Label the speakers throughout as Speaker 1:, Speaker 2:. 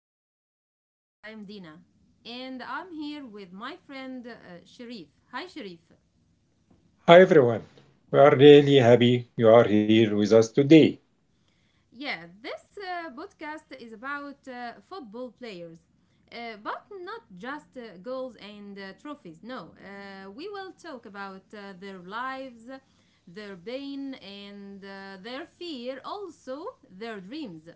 Speaker 1: a Player. I am Dina, and I'm here with my friend Sharif. Hi, Sharif.
Speaker 2: Hi everyone, we are really happy you are here with us today
Speaker 1: Yeah, this podcast is about football players, but not just goals and trophies. No, we will talk about their lives, their pain, and their fear, also their dreams.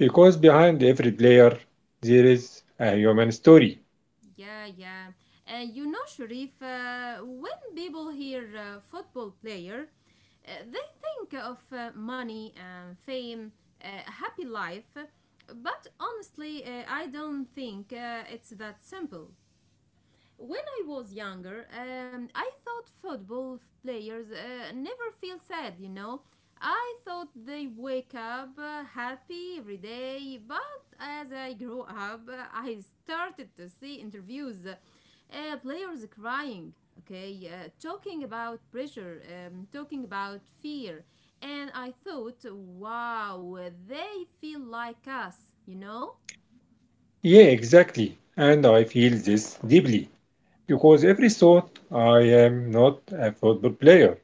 Speaker 2: because behind every player there is a human story.
Speaker 1: Yeah, yeah. And, Sharif, when people hear football player, they think of money and fame, a happy life. But honestly, I don't think it's that simple. When I was younger, I thought football players never feel sad. I thought they wake up happy every day, but as I grew up, I started to see interviews, players crying, okay, talking about pressure, talking about fear, and I thought, wow, they feel like us, you know?
Speaker 2: Yeah, exactly, and I feel this deeply because every thought I am not a football player.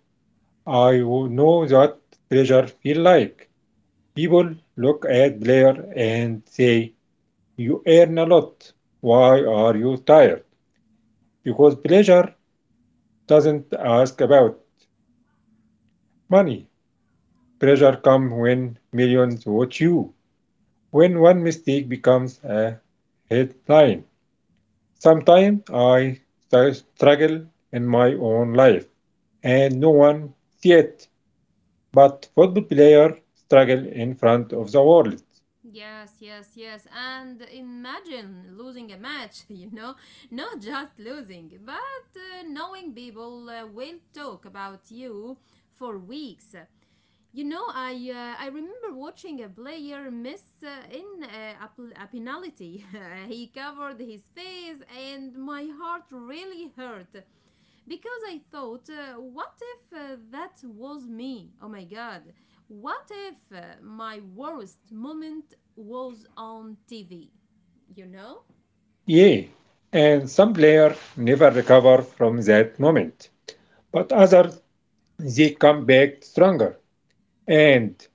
Speaker 2: Know that pressure feel like. People look at player and say, you earn a lot. Why are you tired? Because pleasure doesn't ask about money. Pressure comes when millions watch you, when one mistake becomes a headline. Sometimes I struggle in my own life and no one sees it, but football players struggle in front of the world.
Speaker 1: Yes, yes, yes. And imagine losing a match, you know, not just losing, but knowing people will talk about you for weeks. You know, I remember watching a player miss in a penalty. He covered his face, and my heart really hurt because I thought, what if that was me? Oh my god! What if my worst moment was on TV? You know?
Speaker 2: Yeah, and some players never recover from that moment, but others they come back stronger. And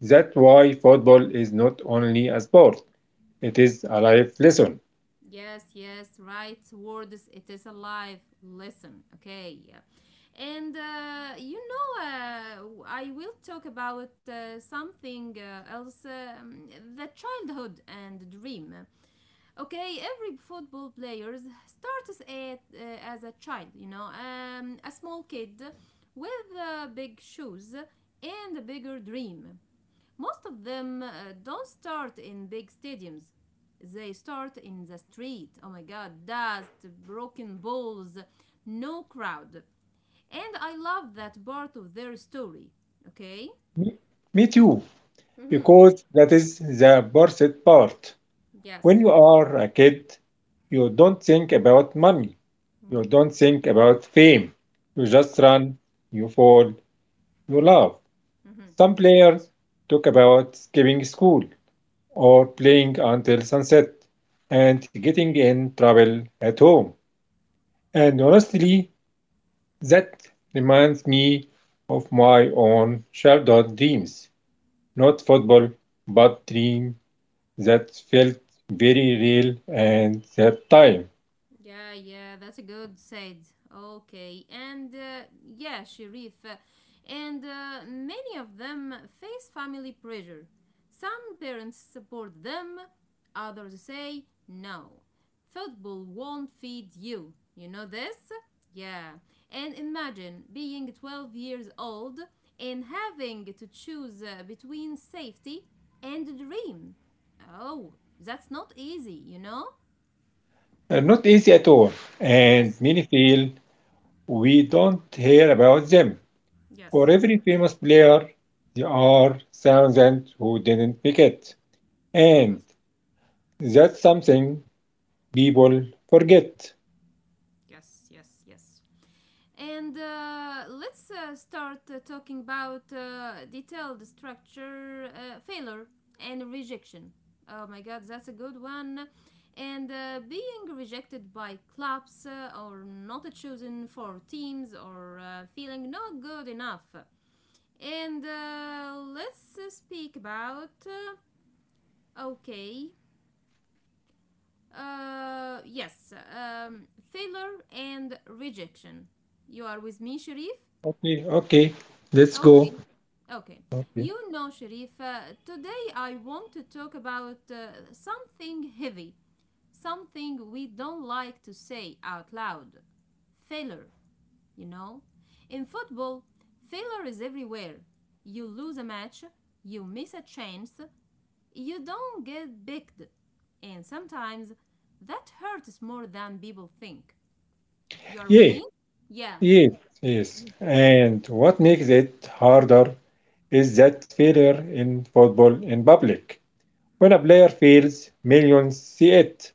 Speaker 2: that's why football is not only a sport, it is a life lesson.
Speaker 1: Yes, yes, right words. It is alive. Listen, okay. Yeah. And , you know, I will talk about something else: the childhood and dream. Okay, every football player starts as a child, you know, a small kid with big shoes and a bigger dream. Most of them don't start in big stadiums. They start in the street. Oh my god, dust, broken balls, no crowd. And I love that part of their story. Okay?
Speaker 2: Me, me too,
Speaker 1: Mm-hmm.
Speaker 2: because that is the worst part. When
Speaker 1: Yes.
Speaker 2: you are a kid, you don't think about money, you don't think about fame. You
Speaker 1: Yes.
Speaker 2: just run, you fall, you laugh. Some players talk about skipping school or playing until sunset and getting in trouble at home. And honestly, that reminds me of my own childhood dreams. Not football, but dream that felt very real at that time.
Speaker 1: Yeah, yeah, that's a good said. Okay, and yeah, Sharif, and many of them face family pressure. Some parents support them, others say no. Football won't feed you. You know this? Yeah. And imagine being 12 years old and having to choose between safety and a dream. Oh, that's not easy, you know?
Speaker 2: Not easy at all, and
Speaker 1: Yes.
Speaker 2: many feel we don't hear about them. For
Speaker 1: Yes.
Speaker 2: every famous player, there are thousands who didn't pick it,
Speaker 1: Mm-hmm.
Speaker 2: and that's something people forget.
Speaker 1: Yes, yes, yes. And let's start talking about detailed structure, failure and rejection. Oh my god, that's a good one. And being rejected by clubs or not chosen for teams or feeling not good enough. And let's speak about okay, yes, failure and rejection. You are with me, Sharif?
Speaker 2: Okay, okay, let's go.
Speaker 1: Okay. Okay.
Speaker 2: Okay.
Speaker 1: You know, Sharif, today I want to talk about something heavy, something we don't like to say out loud: failure. You know, in football, failure is everywhere. You lose a match, you miss a chance, you don't get picked. And sometimes that hurts more than people think. You are with
Speaker 2: Yeah,
Speaker 1: me? Yeah,
Speaker 2: yes, yes. And what makes it harder is that failure in football in public. When a player fails, millions see it.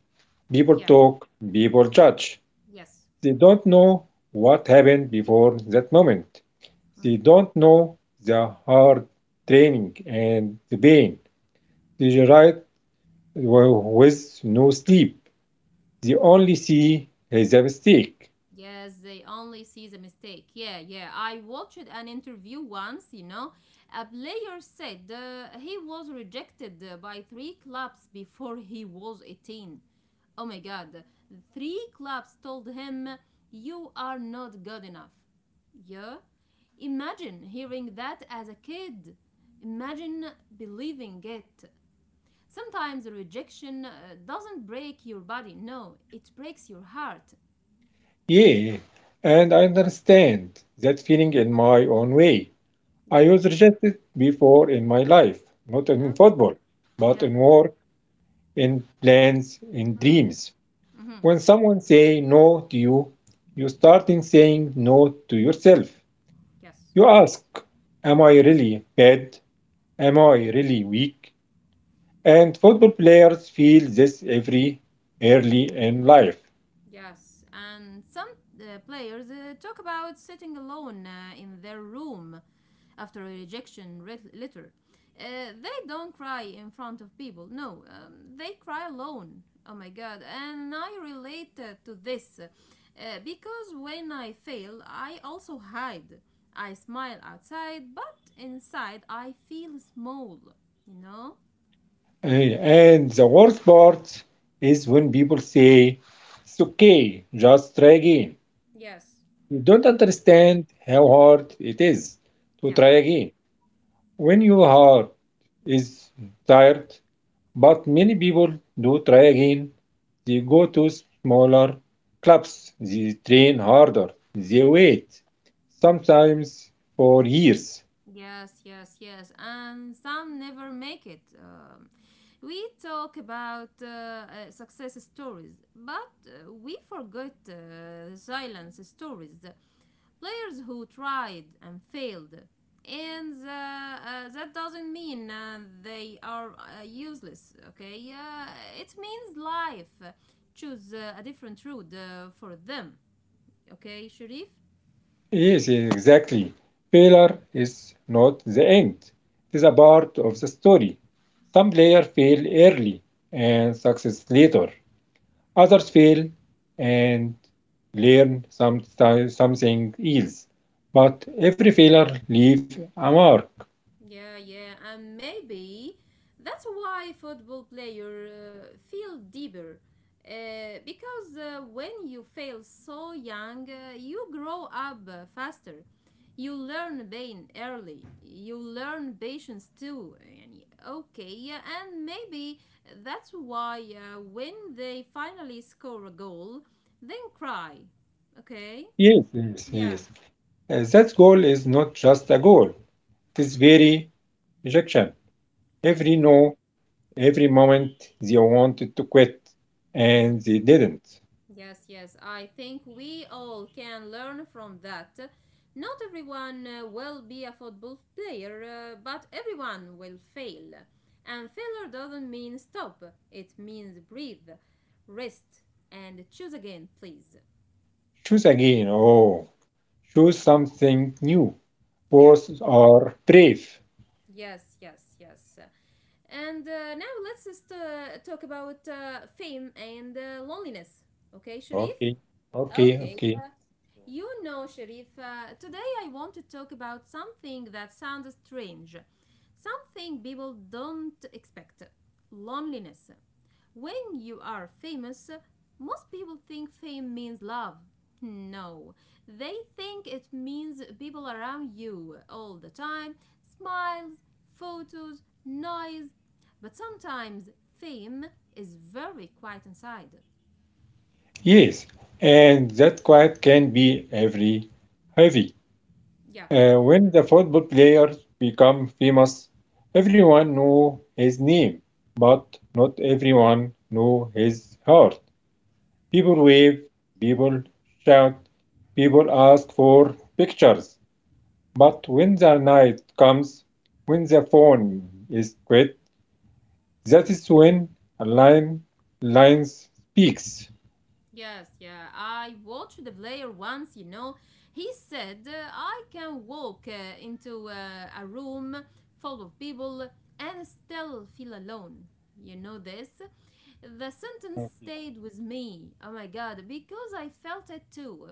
Speaker 2: People
Speaker 1: yeah,
Speaker 2: talk, people judge.
Speaker 1: yes.
Speaker 2: They don't know what happened before that moment. They don't know the hard training and the pain. They ride with no sleep. They only see his mistake.
Speaker 1: Yes, they only see the mistake. Yeah, yeah. I watched an interview once, you know. A player said he was rejected by three clubs before he was 18. Oh my god. Three clubs told him, "You are not good enough." Yeah? Imagine hearing that as a kid. Imagine believing it. Sometimes rejection doesn't break your body, no, it breaks your heart.
Speaker 2: Yeah, and I understand that feeling in my own way. I
Speaker 1: Yeah.
Speaker 2: was rejected before in my life, not in
Speaker 1: Oh.
Speaker 2: football, but
Speaker 1: Yeah.
Speaker 2: in work in plans, in
Speaker 1: Mm.
Speaker 2: dreams.
Speaker 1: Hmm.
Speaker 2: When someone say no to you, you start in saying no to yourself.
Speaker 1: Yes.
Speaker 2: You ask, am I really bad? Am I really weak? And football players feel this every early in life.
Speaker 1: Yes. And some players talk about sitting alone in their room after a letter. They don't cry in front of people. No, they cry alone. Oh my god. And I relate to this because when I fail, I also hide. I smile outside, but inside I feel small, you know?
Speaker 2: Uh, And the worst part is when people say, it's okay, just try again.
Speaker 1: Yes.
Speaker 2: You don't understand how hard it is to try
Speaker 1: Yes.
Speaker 2: again. When your heart is tired, but many people do try again, they go to smaller clubs, they train harder, they wait, sometimes for years.
Speaker 1: Yes, yes, yes. And some never make it. We talk about success stories, but we forget the silence stories. The players who tried and failed. And that doesn't mean they are useless, okay? It means life. Choose a different route for them, okay, Sharif?
Speaker 2: Yes, exactly. Failure is not the end, it is a part of the story. Some players fail early and success later, others fail and learn something else. But every failure leaves a mark.
Speaker 1: Yeah, yeah, and maybe that's why football players feel deeper. Because when you fail so young, you grow up faster. You learn pain early. You learn patience too. يعني Okay, yeah, and maybe that's why when they finally score a goal, then cry. Okay?
Speaker 2: Yes, yes,
Speaker 1: Yeah.
Speaker 2: yes. That goal is not just a goal, it is very rejection.
Speaker 1: Yes.
Speaker 2: Every no, every moment they wanted to quit
Speaker 1: Mm-hmm.
Speaker 2: and they didn't.
Speaker 1: Yes, yes, I think we all can learn from that. Not everyone will be a football player, but everyone will fail. And failure doesn't mean stop, it means breathe, rest, and choose again, please.
Speaker 2: Choose again, oh, choose something new.
Speaker 1: Yeah,
Speaker 2: Both are brave.
Speaker 1: yes, yes, yes. And now let's just talk about fame and loneliness. Okay, Sharif?
Speaker 2: Okay, okay,
Speaker 1: Okay,
Speaker 2: okay.
Speaker 1: you know, Sharif, today I want to talk about something that sounds strange, something people don't expect: loneliness. When you are famous, most people think fame means love. No, they think it means people around you all the time, smiles, photos, noise. But sometimes fame is very quiet inside.
Speaker 2: Yes, and that quiet can be every heavy.
Speaker 1: Yeah,
Speaker 2: When the football players become famous, everyone knew his name, but not everyone knew his heart. People
Speaker 1: yes.
Speaker 2: wave, people shout, people ask for pictures. But when the night comes, when the phone is quit, that is when a line lines speaks.
Speaker 1: Yes, yeah. I watched the player once, you know. He said, "I can walk into a room full of people and still feel alone." You know this? The sentence stayed with me, oh my god, because I felt it too.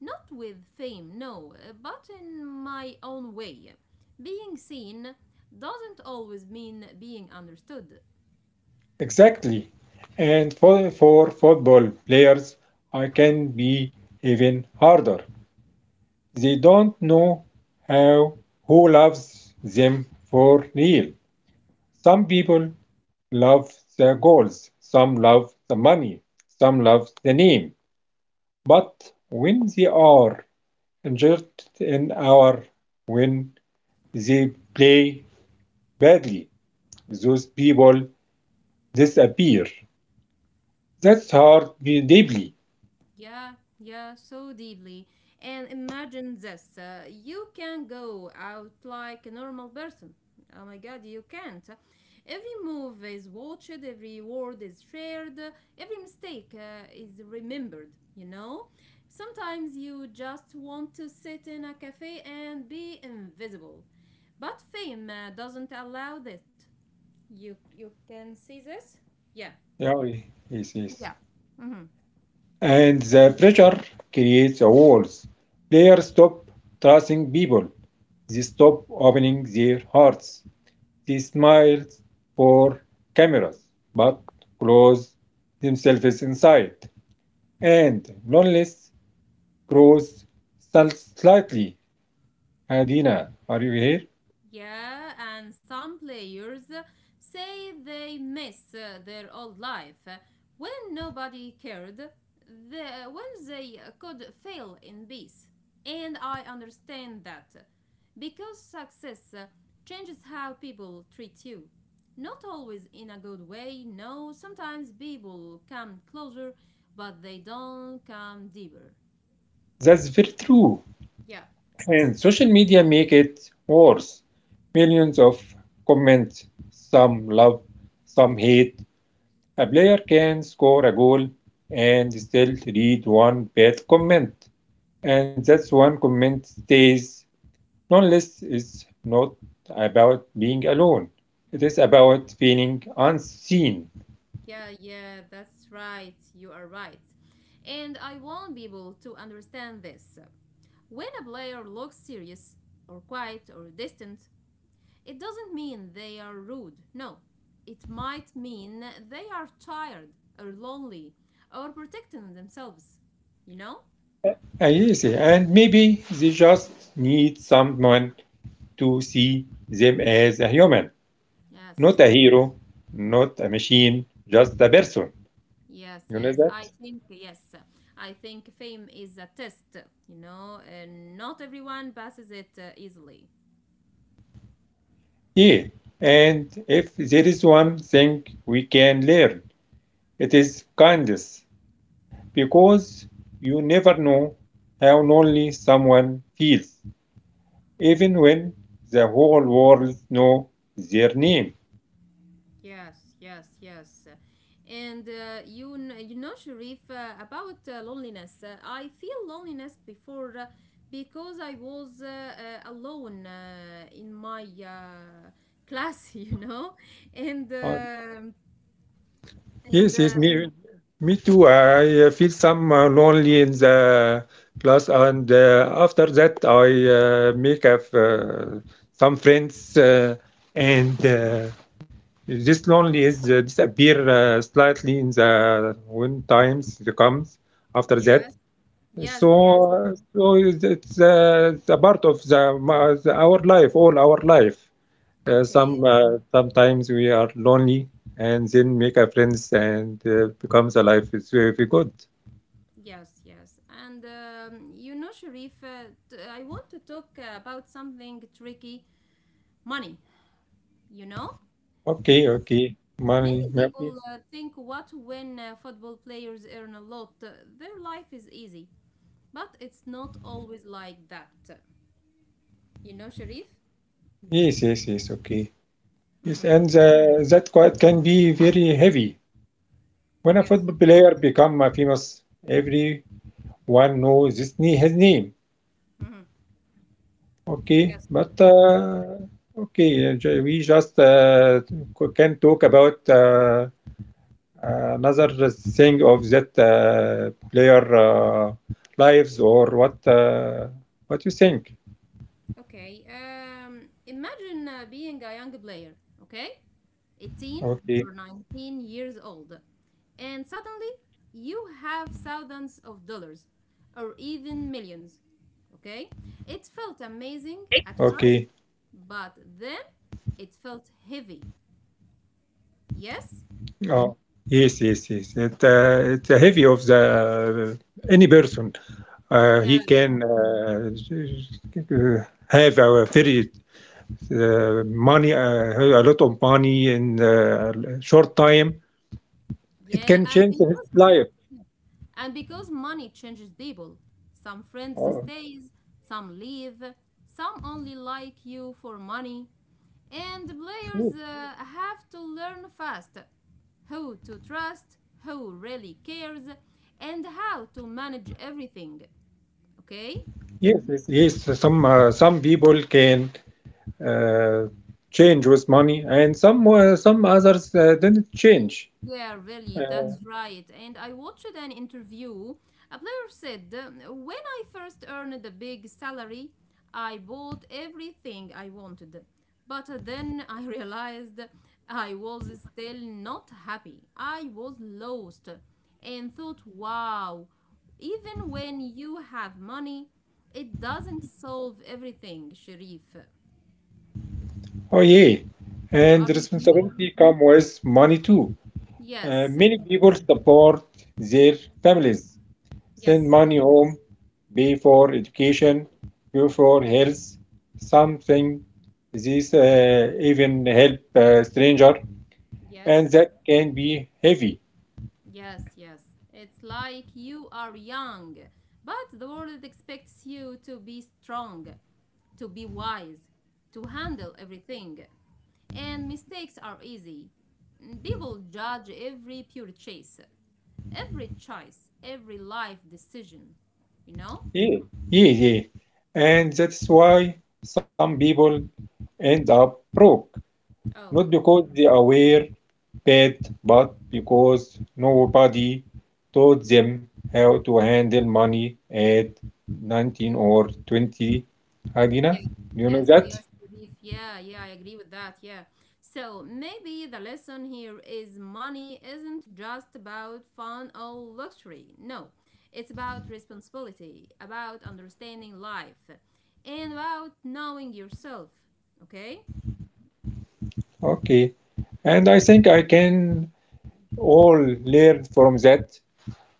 Speaker 1: Not with fame, no, but in my own way. Being seen doesn't always mean being understood.
Speaker 2: Exactly. And for football players, I can be even harder. They don't know how who loves them for real. Some people love the goals, some love the money, some love the name. But when they are injured in our when they play badly, those people disappear. That's hard deeply.
Speaker 1: Yeah, yeah, so deeply. And imagine this, you can go out like a normal person. Oh my god, you can't. Every move is watched, every word is shared, every mistake is remembered, you know? Sometimes you just want to sit in a cafe and be invisible. But fame doesn't allow that. You can see this? Yeah.
Speaker 2: Yeah, yes,
Speaker 1: Yeah.
Speaker 2: yes. And the pressure creates walls. Players stop trusting people. They stop opening their hearts. They smile for cameras, but close themselves inside. And loneliness grows slightly. Adina, are you here?
Speaker 1: Yeah, and some players say they miss their old life when nobody cared, when they could fail in peace. And I understand that because success changes how people treat you. Not always in a good way, no, sometimes people come closer, but they don't come deeper.
Speaker 2: That's very true.
Speaker 1: Yeah.
Speaker 2: And social media make it worse. Millions of comments, some love, some hate, a player can score a goal and still read one bad comment, and that's one comment stays. Loneliness is not about being alone. It is about feeling unseen.
Speaker 1: Yeah, yeah, that's right. You are right. And I want people to understand this. When a player looks serious, or quiet, or distant, it doesn't mean they are rude. No, it might mean they are tired, or lonely, or protecting themselves. You know?
Speaker 2: Yes, and maybe they just need someone to see them as a human, not
Speaker 1: Yes,
Speaker 2: a hero, not a machine, just a person.
Speaker 1: yes,
Speaker 2: You know
Speaker 1: yes.
Speaker 2: that?
Speaker 1: I think, yes. I think fame is a test, you know, and not everyone passes it easily.
Speaker 2: Yeah. And if there is one thing we can learn it is kindness, because you never know how lonely someone feels, even when the whole world knows their name.
Speaker 1: Yes, yes, yes. And you know, Sharif, about loneliness. I feel loneliness before because I was alone in my class, you know, and
Speaker 2: Uh,
Speaker 1: um and
Speaker 2: yes, yes, me too. I feel some lonely in the class, and after that, I make up some friends, and this lonely is disappear slightly in the when times it comes after that.
Speaker 1: yes, yes, yes.
Speaker 2: So it's a part of the, the our life, all our life. Uh,
Speaker 1: Okay,
Speaker 2: some uh, sometimes we are lonely, and then make a friends, and becomes a life is very good.
Speaker 1: yes, yes. And you know, Sharif, I want to talk about something tricky: money. You know.
Speaker 2: Okay, okay, money,
Speaker 1: Many people
Speaker 2: maybe.
Speaker 1: think what when football players earn a lot, their life is easy. But it's not always like that. You know, Sharif?
Speaker 2: Yes, yes, yes. Okay, yes, and that quite can be very heavy. When a
Speaker 1: Yes.
Speaker 2: football player become famous, everyone knows his name. Okay,
Speaker 1: Yes.
Speaker 2: we just can talk about another thing of that player lives or what you think?
Speaker 1: Okay. Imagine being a young player, okay? 18 or
Speaker 2: Okay,
Speaker 1: 19 years old. And suddenly you have thousands of dollars or even millions, okay? It felt
Speaker 2: okay.
Speaker 1: amazing at first, but then it felt heavy. Yes?
Speaker 2: Oh, yes, yes, yes. It, it's a heavy of the any person. He
Speaker 1: Yeah,
Speaker 2: can
Speaker 1: yeah.
Speaker 2: have a very money, a lot of money in a short time. It
Speaker 1: Yeah,
Speaker 2: can
Speaker 1: and
Speaker 2: change his
Speaker 1: because
Speaker 2: life.
Speaker 1: And because money changes people, some friends
Speaker 2: Oh,
Speaker 1: stays, some leave, some only like you for money, and players have to learn fast who to trust, who really cares, and how to manage everything. Okay?
Speaker 2: yes, yes, yes. Some people can uh, change with money, and some others don't change.
Speaker 1: Yeah, really, that's
Speaker 2: Uh,
Speaker 1: right. And I watched an interview. A player said, "When I first earned the big salary, I bought everything I wanted. But then I realized I was still not happy. I was lost," and thought, wow, even when you have money, it doesn't solve everything, Sharif.
Speaker 2: oh yeah,
Speaker 1: You
Speaker 2: and
Speaker 1: are with me?
Speaker 2: responsibility come with money too.
Speaker 1: Yes,
Speaker 2: Many people support their families
Speaker 1: yes,
Speaker 2: send money home, pay for education, pay for health, something. This even help stranger,
Speaker 1: yes.
Speaker 2: and that can be heavy.
Speaker 1: Yes, yes. It's like you are young, but the world expects you to be strong, to be wise, to handle everything. And mistakes are easy. People judge every purchase, every choice, every life decision, you know?
Speaker 2: Yeah, yeah, yeah. And that's why some people end up broke,
Speaker 1: Oh,
Speaker 2: not because they are aware bad, but because nobody taught them how to handle money at 19 or 20. Adina,
Speaker 1: yes,
Speaker 2: you know
Speaker 1: yes,
Speaker 2: that?
Speaker 1: yes, Sharif. Yeah, yeah, I agree with that. Yeah. So maybe the lesson here is money isn't just about fun or luxury. No, it's about responsibility, about understanding life, and about knowing yourself. Okay?
Speaker 2: Okay. And I think I can all learn from that.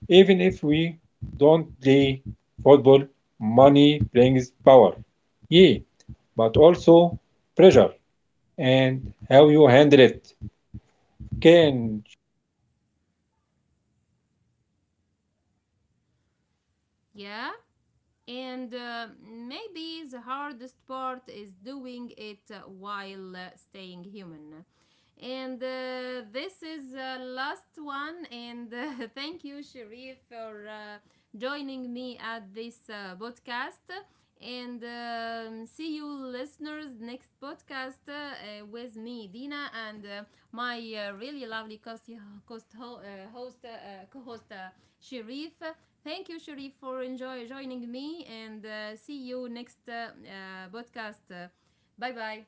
Speaker 2: Even if we don't play football, money brings power. Yeah, but also pressure and how you handle it can
Speaker 1: Yeah? And maybe the hardest part is doing it while staying human. And this is the last one. And thank you, Sharif, for joining me at this podcast. And see you, listeners, next podcast with me, Dina, and my really lovely host, co-host Sharif. Thank you, Sharif, for enjoy joining me, and see you next podcast. Bye bye.